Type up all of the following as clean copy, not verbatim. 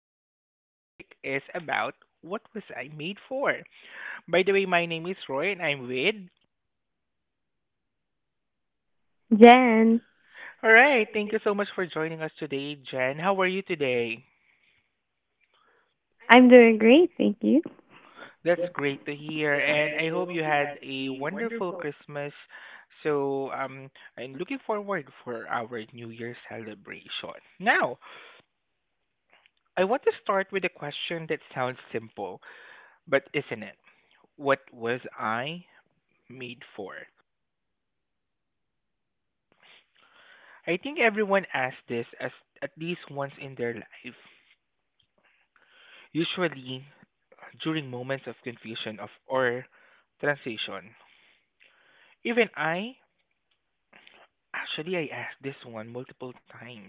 today our topic is about what was I made for? By the way, my name is Roy and I'm with. Jen, All right, thank you so much for joining us today, Jen. How are you today? I'm doing great, thank you. That's great to hear and I hope you had a wonderful Christmas. So, I'm looking forward for our New Year celebration. Now, I want to start with a question that sounds simple, but isn't it? What was I made for? I think everyone asks this as at least once in their life, usually during moments of confusion of or transition. Even I, actually, I asked this one multiple times.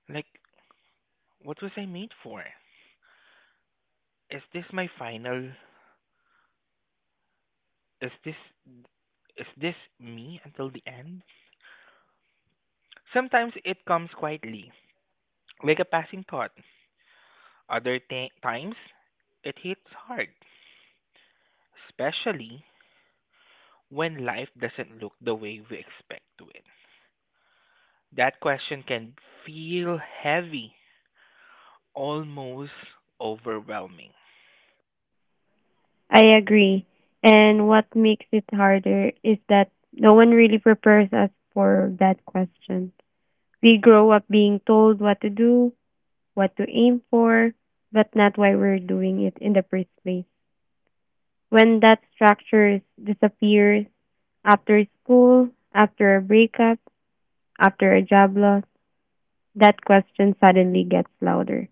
Like, what was I made for? Is this my final? Is this is this me until the end? Sometimes it comes quietly, like a passing thought. Other times, it hits hard, especially when life doesn't look the way we expect to it? That question can feel heavy, almost overwhelming. I agree. And what makes it harder is that no one really prepares us for that question. We grow up being told what to do, what to aim for, but not why we're doing it in the first place. When that disappears after school, after a breakup, after a job loss, that question suddenly gets louder.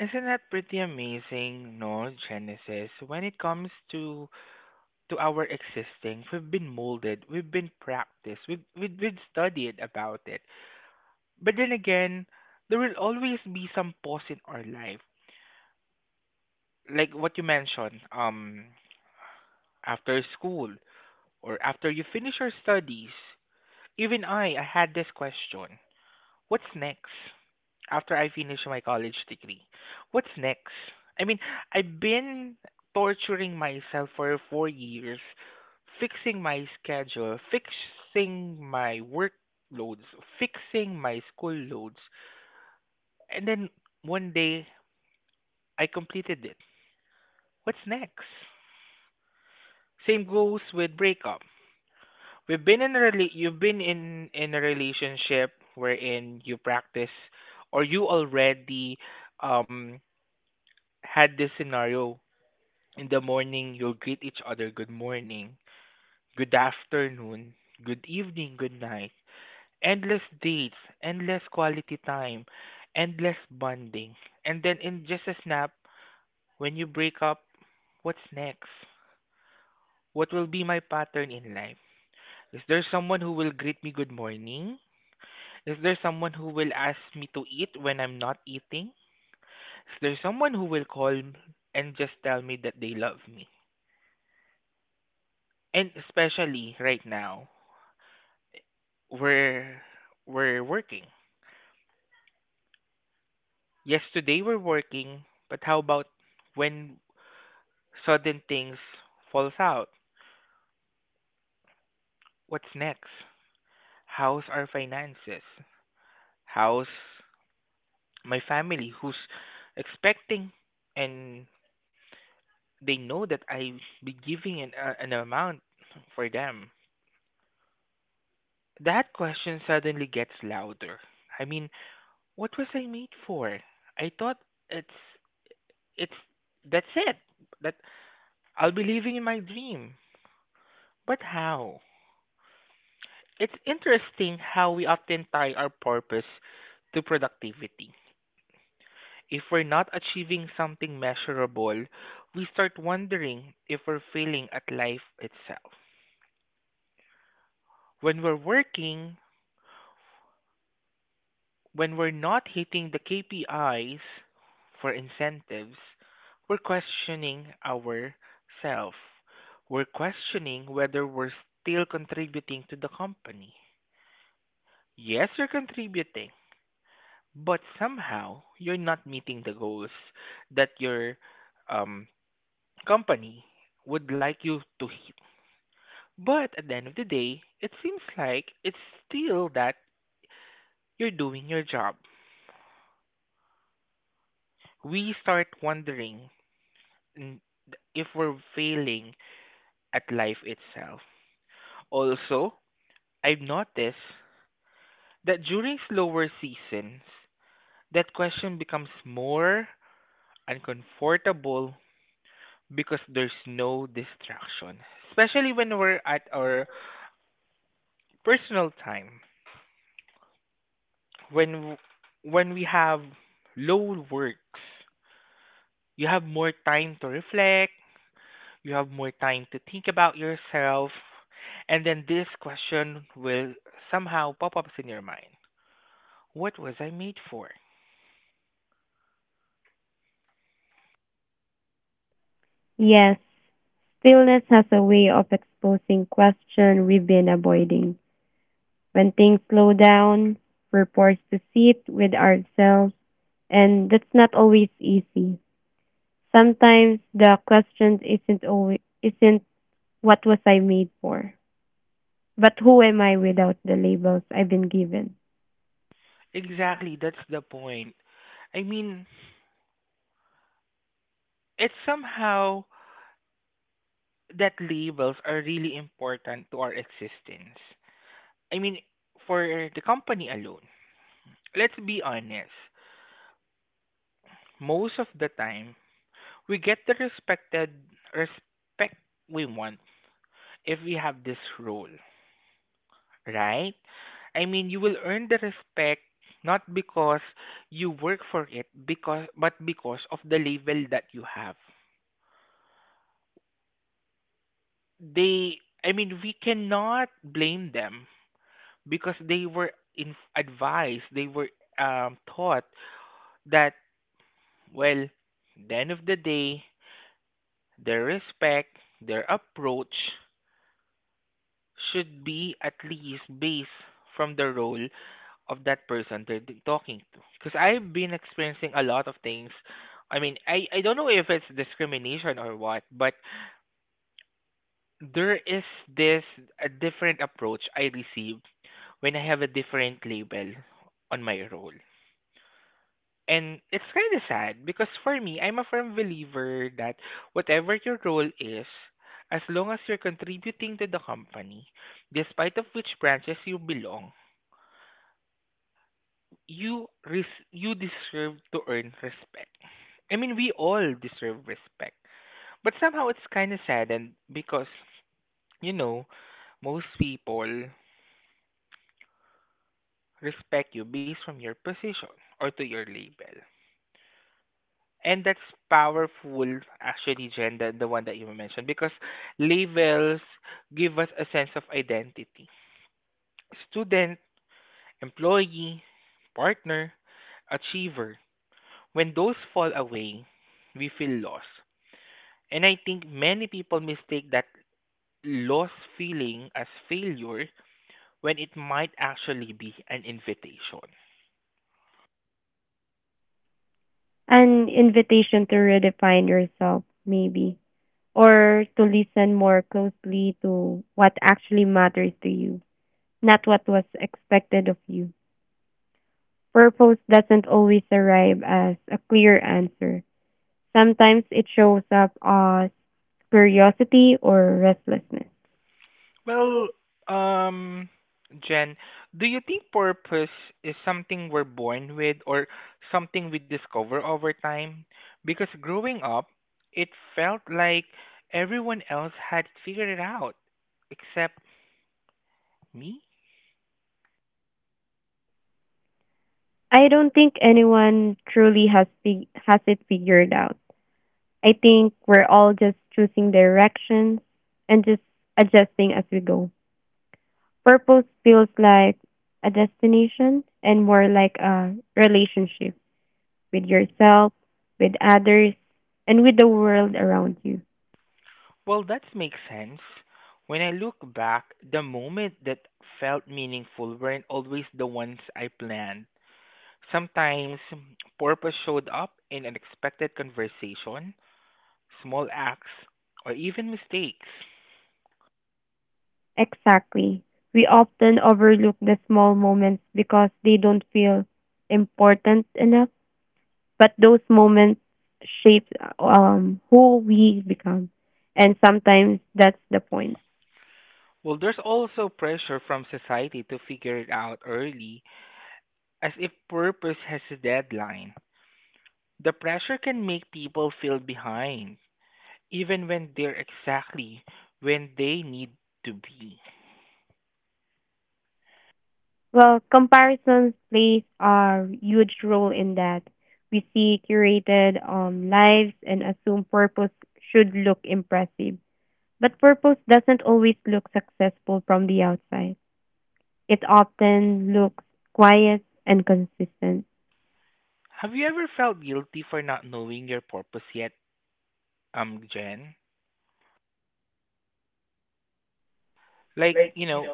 Isn't that pretty amazing, no, Genesis? When it comes to our existing, we've been molded, we've been practiced, we've been studied about it. But then again, there will always be some pause in our life, like what you mentioned, after school or after you finish your studies. Even I had this question. What's next after I finish my college degree? What's next? I mean, I've been torturing myself for 4 years, fixing my schedule, fixing my workloads, fixing my school loads, and then one day I completed it. What's next? Same goes with breakup. We've been in a rela- You've been in a relationship wherein you practice or you already um had this scenario. In the morning you'll greet each other good morning, good afternoon, good evening, good night. Endless dates, endless quality time, endless bonding. And then in just a snap, when you break up, what's next? What will be my pattern in life? Is there someone who will greet me good morning? Is there someone who will ask me to eat when I'm not eating? Is there someone who will call m- and just tell me that they love me? And especially right now, we're we're working. Yes, today we're working, but how about when sudden things falls out? What's next? How's our finances? How's my family who's expecting and they know that I be giving an amount for them. That question suddenly gets louder. I mean, what was I made for? I thought it's it's that's it. That I'll be living in my dream. But how? It's interesting how we often tie our purpose to productivity. If we're not achieving something measurable, we start wondering if we're failing at life itself. When we're working, when we're not hitting the KPIs for incentives, we're questioning ourselves. We're questioning whether we're still contributing to the company. Yes, you're contributing, but somehow you're not meeting the goals that your um, company would like you to hit. But at the end of the day, it seems like it's still that you're doing your job. We start wondering n- if we're failing at life itself. Also, I've noticed that during slower seasons, that question becomes more uncomfortable because there's no distraction, especially when we're at our personal time, when w- when we have low works, you have more time to reflect, you have more time to think about yourself, and then this question will somehow pop up in your mind. What was I made for? Yes, stillness has a way of exposing questions we've been avoiding. When things slow down, we're forced to sit with ourselves, and that's not always easy. Sometimes the question isn't what was I made for, but who am I without the labels I've been given? Exactly, that's the point. I mean, it's somehow that labels are really important to our existence. I mean, for the company alone, let's be honest, most of the time, we get the respect we want if we have this role, right? I mean, you will earn the respect not because you work for it, because but because of the label that you have. They, I mean, we cannot blame them because they were taught that, well, the end of the day, their respect, their approach should be at least based from the role of that person talking to. Because I've been experiencing a lot of things. I mean, I don't know if it's discrimination or what, but there is this a different approach I receive when I have a different label on my role. And it's kind of sad because for me, I'm a firm believer that whatever your role is, as long as you're contributing to the company, despite of which branches you belong, you deserve to earn respect. I mean, we all deserve respect. But somehow it's kind of saddened because, you know, most people respect you based from your position or to your label. And that's powerful, actually, Jen, the one that you mentioned, because labels give us a sense of identity. Student, employee, partner, achiever. When those fall away, we feel lost. And I think many people mistake that loss feeling as failure when it might actually be an invitation. An invitation to redefine yourself, maybe, or to listen more closely to what actually matters to you, not what was expected of you. Purpose doesn't always arrive as a clear answer. Sometimes it shows up as curiosity or restlessness. Well, um, Jen, do you think purpose is something we're born with or something we discover over time? Because growing up, it felt like everyone else had it figured it out except me. I don't think anyone truly has it figured out. I think we're all just choosing directions and just adjusting as we go. Purpose feels like a destination and more like a relationship with yourself, with others, and with the world around you. Well, that makes sense. When I look back, the moment that felt meaningful weren't always the ones I planned. Sometimes purpose showed up in unexpected conversation, small acts, or even mistakes. Exactly. We often overlook the small moments because they don't feel important enough, but those moments shape who we become. And sometimes that's the point. Well, there's also pressure from society to figure it out early, as if purpose has a deadline. The pressure can make people feel behind, even when they're exactly when they need to be. Well, comparisons plays a huge role in that. We see curated lives and assume purpose should look impressive. But purpose doesn't always look successful from the outside. It often looks quiet and consistent. Have you ever felt guilty for not knowing your purpose yet, Jen? Like, you know,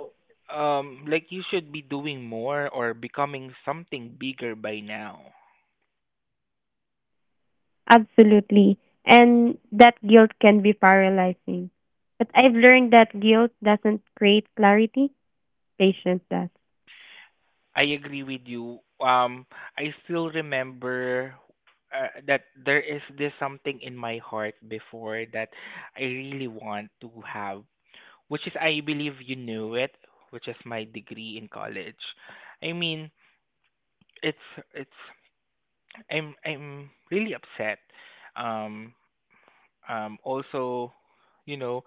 like you should be doing more or becoming something bigger by now. Absolutely. And that guilt can be paralyzing. But I've learned that guilt doesn't create clarity, patience does. I agree with you. I still remember that there is this something in my heart before that I really want to have, which is, I believe you knew it, which is my degree in college. I mean, it's it's I'm really upset. um Also, you know,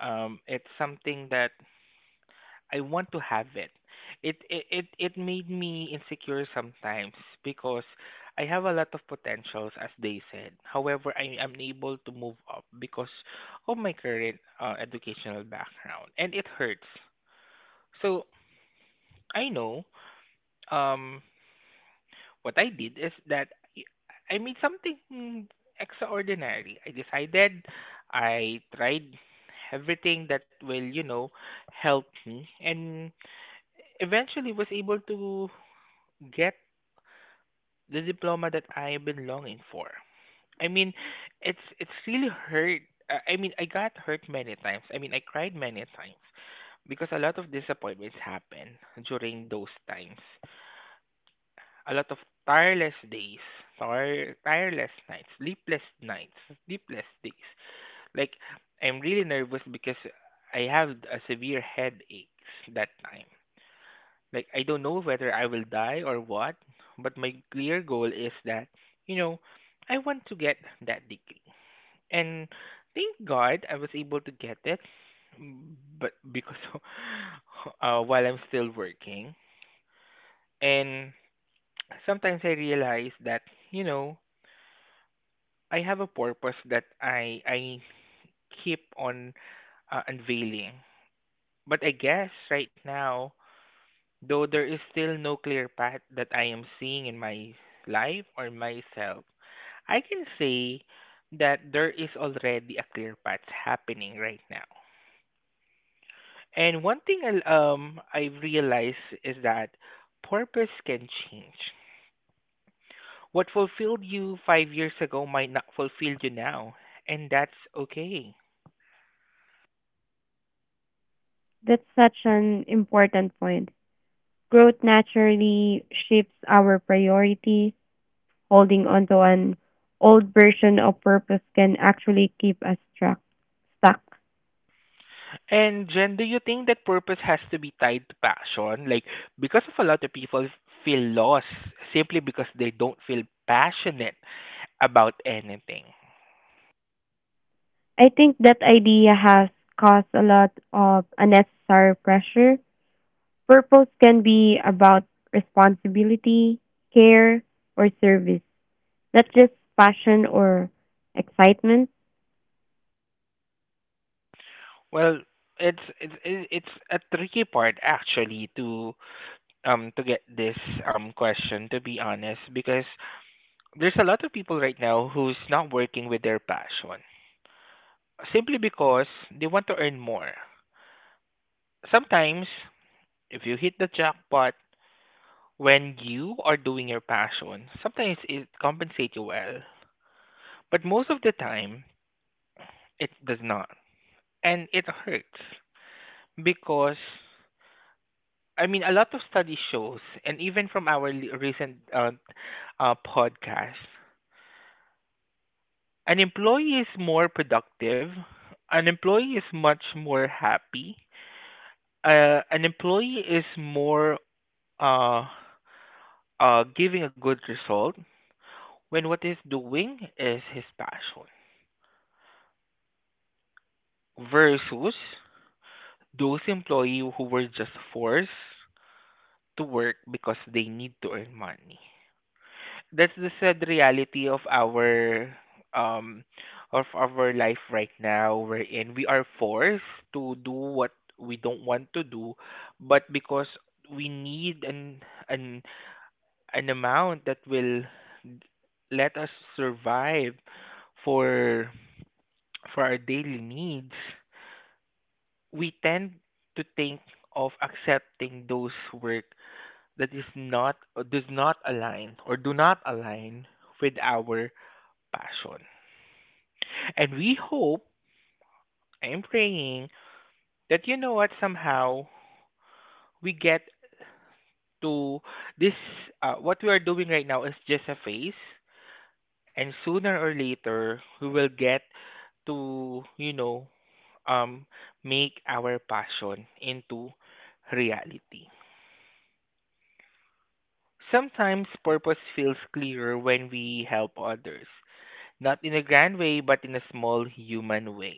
um, it's something that I want to have it. It made me insecure sometimes because I have a lot of potentials as they said. However, I am unable to move up because of my current educational background and it hurts. So, I know um what I did is that I made something extraordinary. I decided I tried everything that will, you know, help me and eventually was able to get the diploma that I've been longing for. I mean, it's really hurt. I mean, I got hurt many times. I mean, I cried many times because a lot of disappointments happened during those times. A lot of tireless days, tireless nights, sleepless days. Like, I'm really nervous because I have a severe headaches that time. Like I don't know whether I will die or what, but my clear goal is that, you know, I want to get that degree. And thank God I was able to get it, but because while I'm still working, and sometimes I realize that, you know, I have a purpose that I keep on unveiling. But I guess right now, though there is still no clear path that I am seeing in my life or myself, I can say that there is already a clear path happening right now. And one thing I've realized is that purpose can change. What fulfilled you 5 years ago might not fulfill you now, and that's okay. That's such an important point. Growth naturally shifts our priorities. Holding onto an old version of purpose can actually keep us stuck. And Jen, do you think that purpose has to be tied to passion? Like, because of a lot of people feel lost simply because they don't feel passionate about anything. I think that idea has caused a lot of unnecessary pressure. Purpose can be about responsibility, care, or service, not just passion or excitement. Well, it's a tricky part actually to get this question, to be honest, because there's a lot of people right now who's not working with their passion simply because they want to earn more. Sometimes if you hit the jackpot, when you are doing your passion, sometimes it compensates you well, but most of the time it does not. And it hurts because, I mean, a lot of study shows and even from our recent podcast, an employee is more productive, an employee is much more happy, an employee is more uh, giving a good result when what he's doing is his passion. Versus those employees who were just forced to work because they need to earn money. That's the sad reality um of our life right now, wherein we are forced to do what we don't want to do, but because we need an an amount that will let us survive for our daily needs, we tend to think of accepting those work that is not does not align or do not align with our passion. And we hope, I'm praying that you know what somehow we get to this what we are doing right now is just a phase, and sooner or later we will get to um make our passion into reality. Sometimes purpose feels clearer when we help others, not in a grand way, but in a small human way.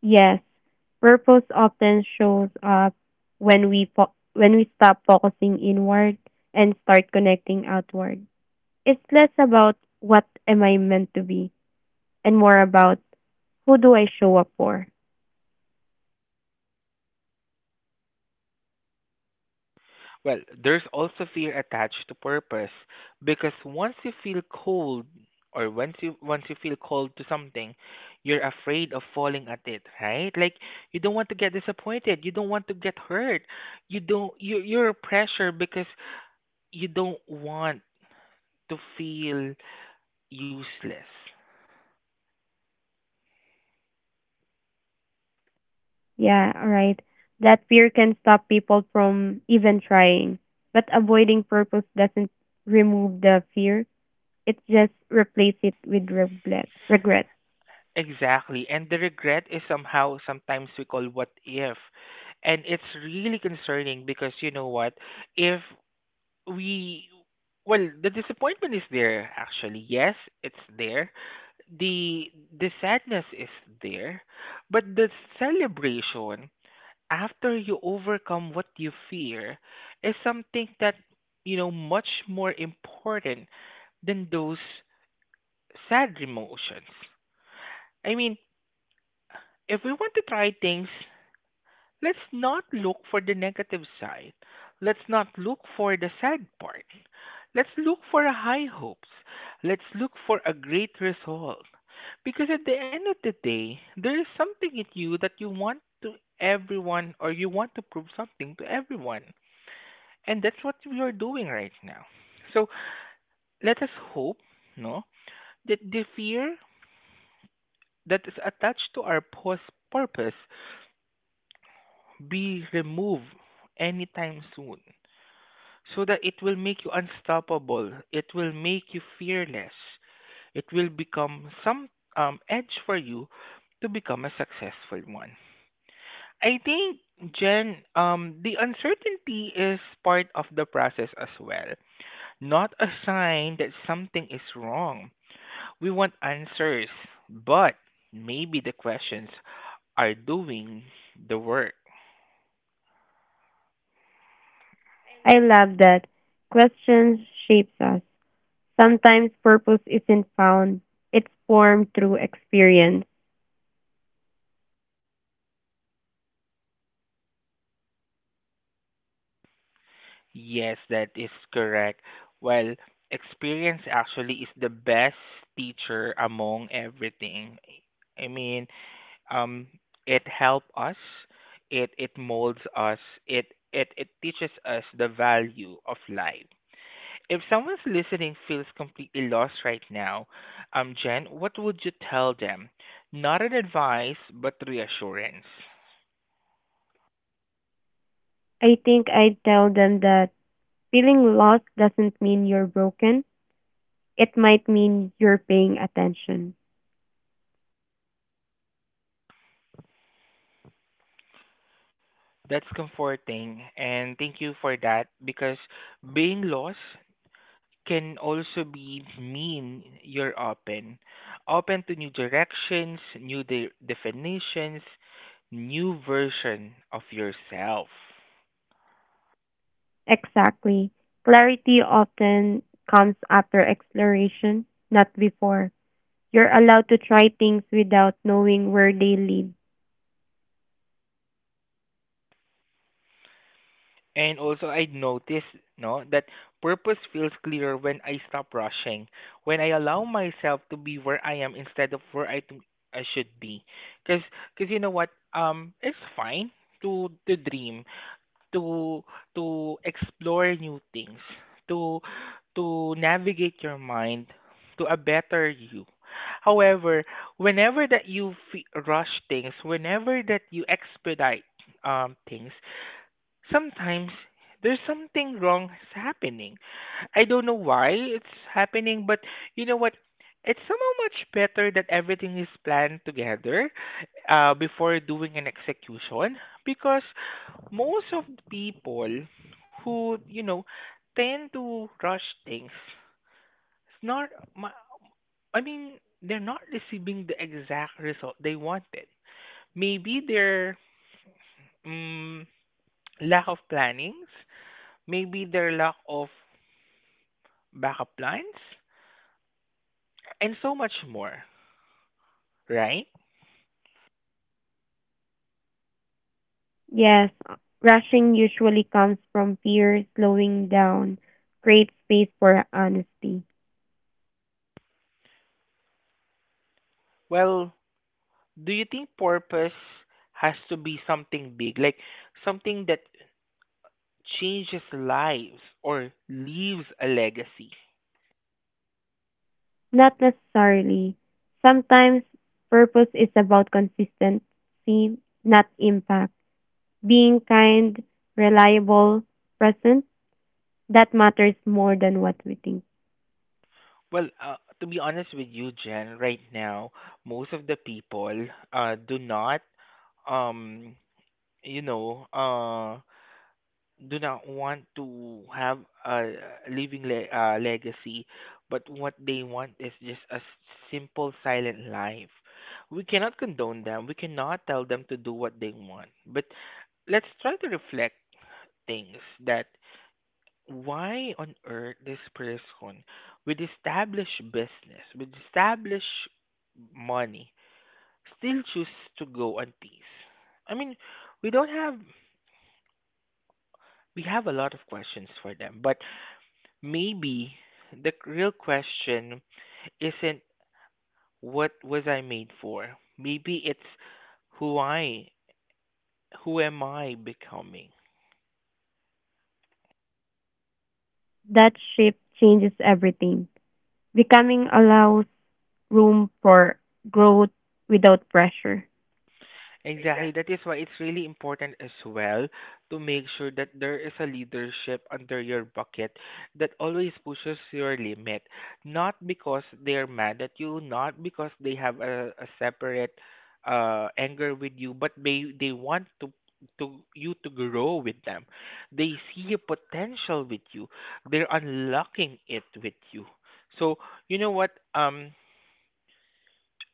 Yes, purpose often shows up when we stop focusing inward and start connecting outward. It's less about what am I meant to be and more about who do I show up for. Well, there's also fear attached to purpose because once you feel cold, or once you feel cold to something, you're afraid of falling at it, right? Like, you don't want to get disappointed, you don't want to get hurt. You're pressured because you don't want to feel useless. Yeah, alright. That fear can stop people from even trying. But avoiding purpose doesn't remove the fear, it just replaces it with regret. Exactly. And the regret is somehow sometimes we call what if. And it's really concerning because you know what? If we, well, the disappointment is there actually. Yes, it's there. The the sadness is there, but the celebration after you overcome what you fear is something that, you know, much more important than those sad emotions. I mean, if we want to try things, let's not look for the negative side. Let's not look for the sad part. Let's look for high hopes. Let's look for a great result. Because at the end of the day, there is something in you that you want to everyone, or you want to prove something to everyone. And that's what we are doing right now. So let us hope, no, that the fear that is attached to our purpose be removed anytime soon, so that it will make you unstoppable, it will make you fearless, it will become some edge for you to become a successful one. I think, Jen, the uncertainty is part of the process as well, not a sign that something is wrong. We want answers, but maybe the questions are doing the work. I love that. Questions shapes us. Sometimes purpose isn't found, it's formed through experience. Yes, that is correct. Well, experience actually is the best teacher among everything. I mean, um, it helps us, it molds us, it it teaches us the value of life. If someone's listening feels completely lost right now, Jen, what would you tell them? Not an advice, but reassurance. I think I tell them that feeling lost doesn't mean you're broken, it might mean you're paying attention. That's comforting, and thank you for that, because being lost can also be mean you're open. Open to new directions, definitions, new version of yourself. Exactly. Clarity often comes after exploration, not before. You're allowed to try things without knowing where they lead. And also I noticed, no, that purpose feels clearer when I stop rushing, when I allow myself to be where I am instead of where I should be. Cuz cuz you know what, it's fine to dream. To explore new things, to navigate your mind to a better you. However, whenever that you fe rush things, whenever that you expedite things, sometimes there's something wrong is happening. I don't know why it's happening, but you know what? It's somehow much better that everything is planned together before doing an execution, because most of the people who, you know, tend to rush things, it's not, ma- I mean, they're not receiving the exact result they wanted. Maybe their mm lack of planning, maybe their lack of backup plans, and so much more, right? Yes, rushing usually comes from fear, slowing down, create space for honesty. Well, do you think purpose has to be something big, like something that changes lives or leaves a legacy? Not necessarily. Sometimes purpose is about consistency, not impact. Being kind, reliable, present, that matters more than what we think. Well, to be honest with you, Jen, right now, most of the people do not um you know uh do not want to have a legacy, but what they want is just a simple, silent life. We cannot condone them. We cannot tell them to do what they want. But let's try to reflect things that why on earth this person with established business, with established money, still choose to go on peace? I mean, we don't have we have a lot of questions for them, but maybe the real question isn't, what was I made for? Maybe it's who I who am I becoming? That shift changes everything. Becoming allows room for growth without pressure. Exactly. That is why it's really important as well to make sure that there is a leadership under your bucket that always pushes your limit. Not because they're mad at you, not because they have a separate anger with you, but they want to you to grow with them. They see a potential with you. They're unlocking it with you. So you know what?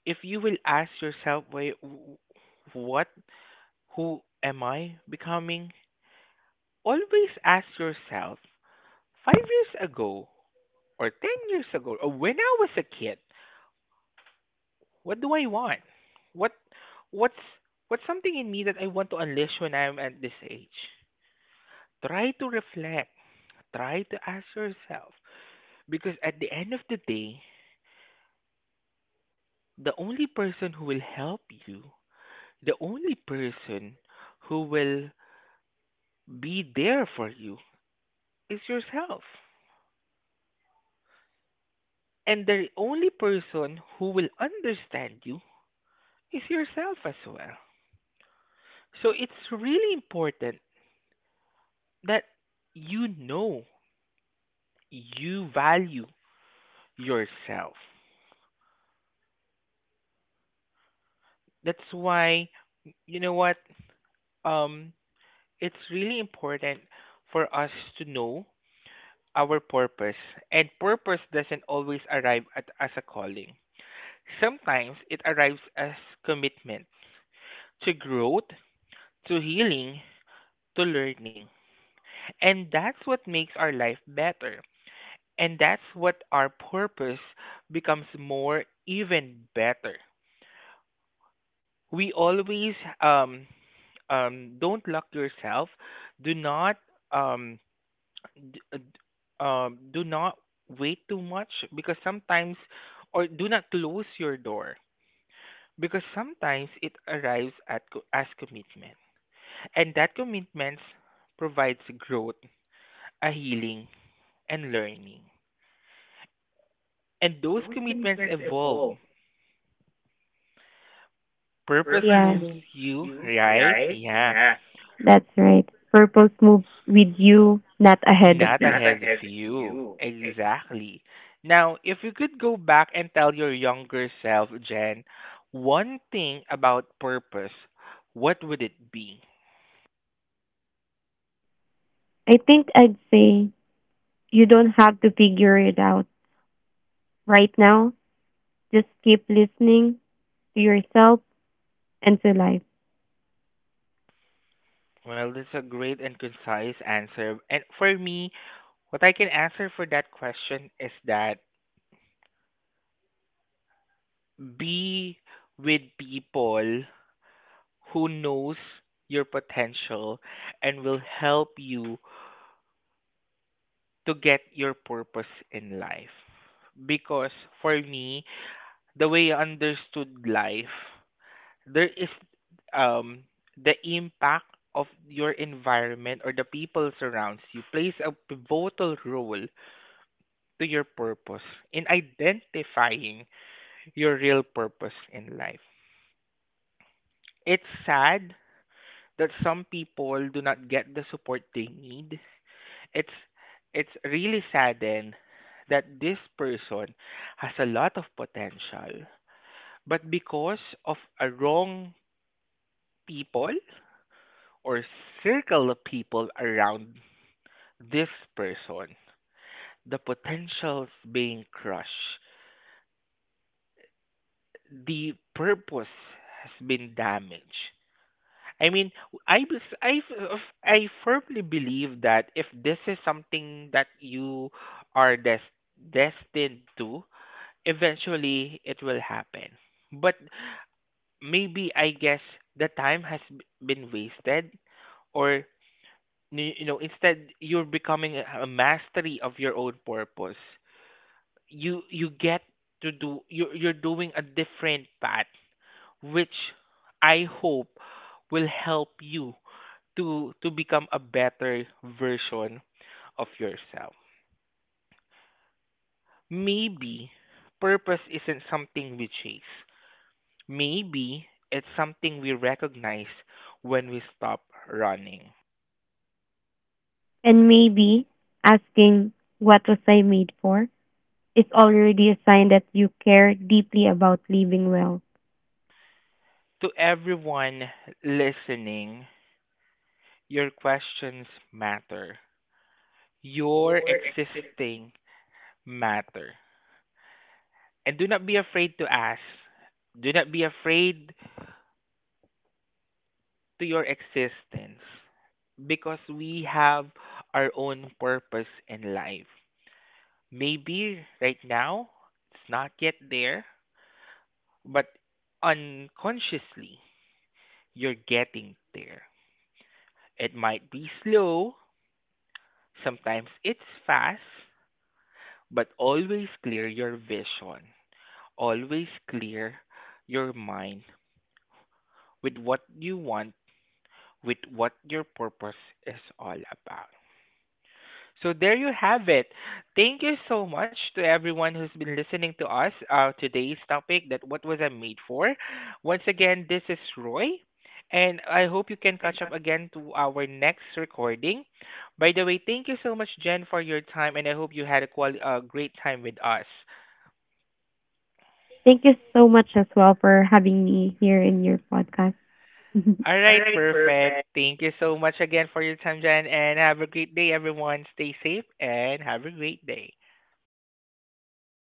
If you will ask yourself, why, what, who am I becoming? Always ask yourself 5 years ago, or 10 years ago, or when I was a kid, what do I want? What, what's, what's something in me that I want to unleash when I'm at this age? Try to reflect, try to ask yourself, because at the end of the day, the only person who will help you, the only person who will be there for you is yourself. And the only person who will understand you is yourself as well. So it's really important that you know you value yourself. That's why, you know what, um it's really important for us to know our purpose, and purpose doesn't always arrive at, as a calling. Sometimes it arrives as commitment to growth, to healing, to learning. And that's what makes our life better. And that's what our purpose becomes more even better. We always um don't lock yourself. Do not um d- uh, d- do not wait too much because sometimes, or do not close your door because sometimes it arrives at as commitment. And that commitment provides growth, a healing, and learning. And those commitments evolve. Purpose Yeah, moves you, right? Yeah, that's right. Purpose moves with you, not ahead of not you. ahead of you. Exactly. Now, if you could go back and tell your younger self, Jen, one thing about purpose, what would it be? I think I'd say you don't have to figure it out right now. Just keep listening to yourself and to life. Well, that's a great and concise answer. And for me, what I can answer for that question is that be with people who knows your potential and will help you to get your purpose in life. Because for me, the way I understood life, there is um, the impact of your environment or the people surrounds you plays a pivotal role to your purpose in identifying your real purpose in life. It's sad that some people do not get the support they need. it's it's really saddened that this person has a lot of potential, but because of a wrong people, or circle of people around this person, the potential's being crushed, the purpose has been damaged. I mean, I bes- I f- I firmly believe that if this is something that you are destined to, eventually it will happen. But maybe I guess the time has been wasted, or you know, instead you're becoming a mastery of your own purpose. You get to do, you're doing a different path, which I hope will help you to become a better version of yourself. Maybe purpose isn't something we chase. Maybe it's something we recognize when we stop running. And maybe asking, "What was I made for?" is already a sign that you care deeply about living well. To everyone listening, your questions matter. Your existing matter. And do not be afraid to ask. Do not be afraid to your existence, because we have our own purpose in life. Maybe right now it's not yet there, but unconsciously you're getting there. It might be slow, sometimes it's fast, but always clear your vision. Always clear your mind with what you want, with what your purpose is all about. So there you have it. Thank you so much to everyone who's been listening to us, today's topic that what was I made for. Once again, this is Roy, and I hope you can catch up again to our next recording. By the way, thank you so much, Jen, for your time, and I hope you had a great time with us. Thank you so much as well for having me here in your podcast. All right, perfect. Thank you so much again for your time, Jen, and have a great day, everyone. Stay safe and have a great day.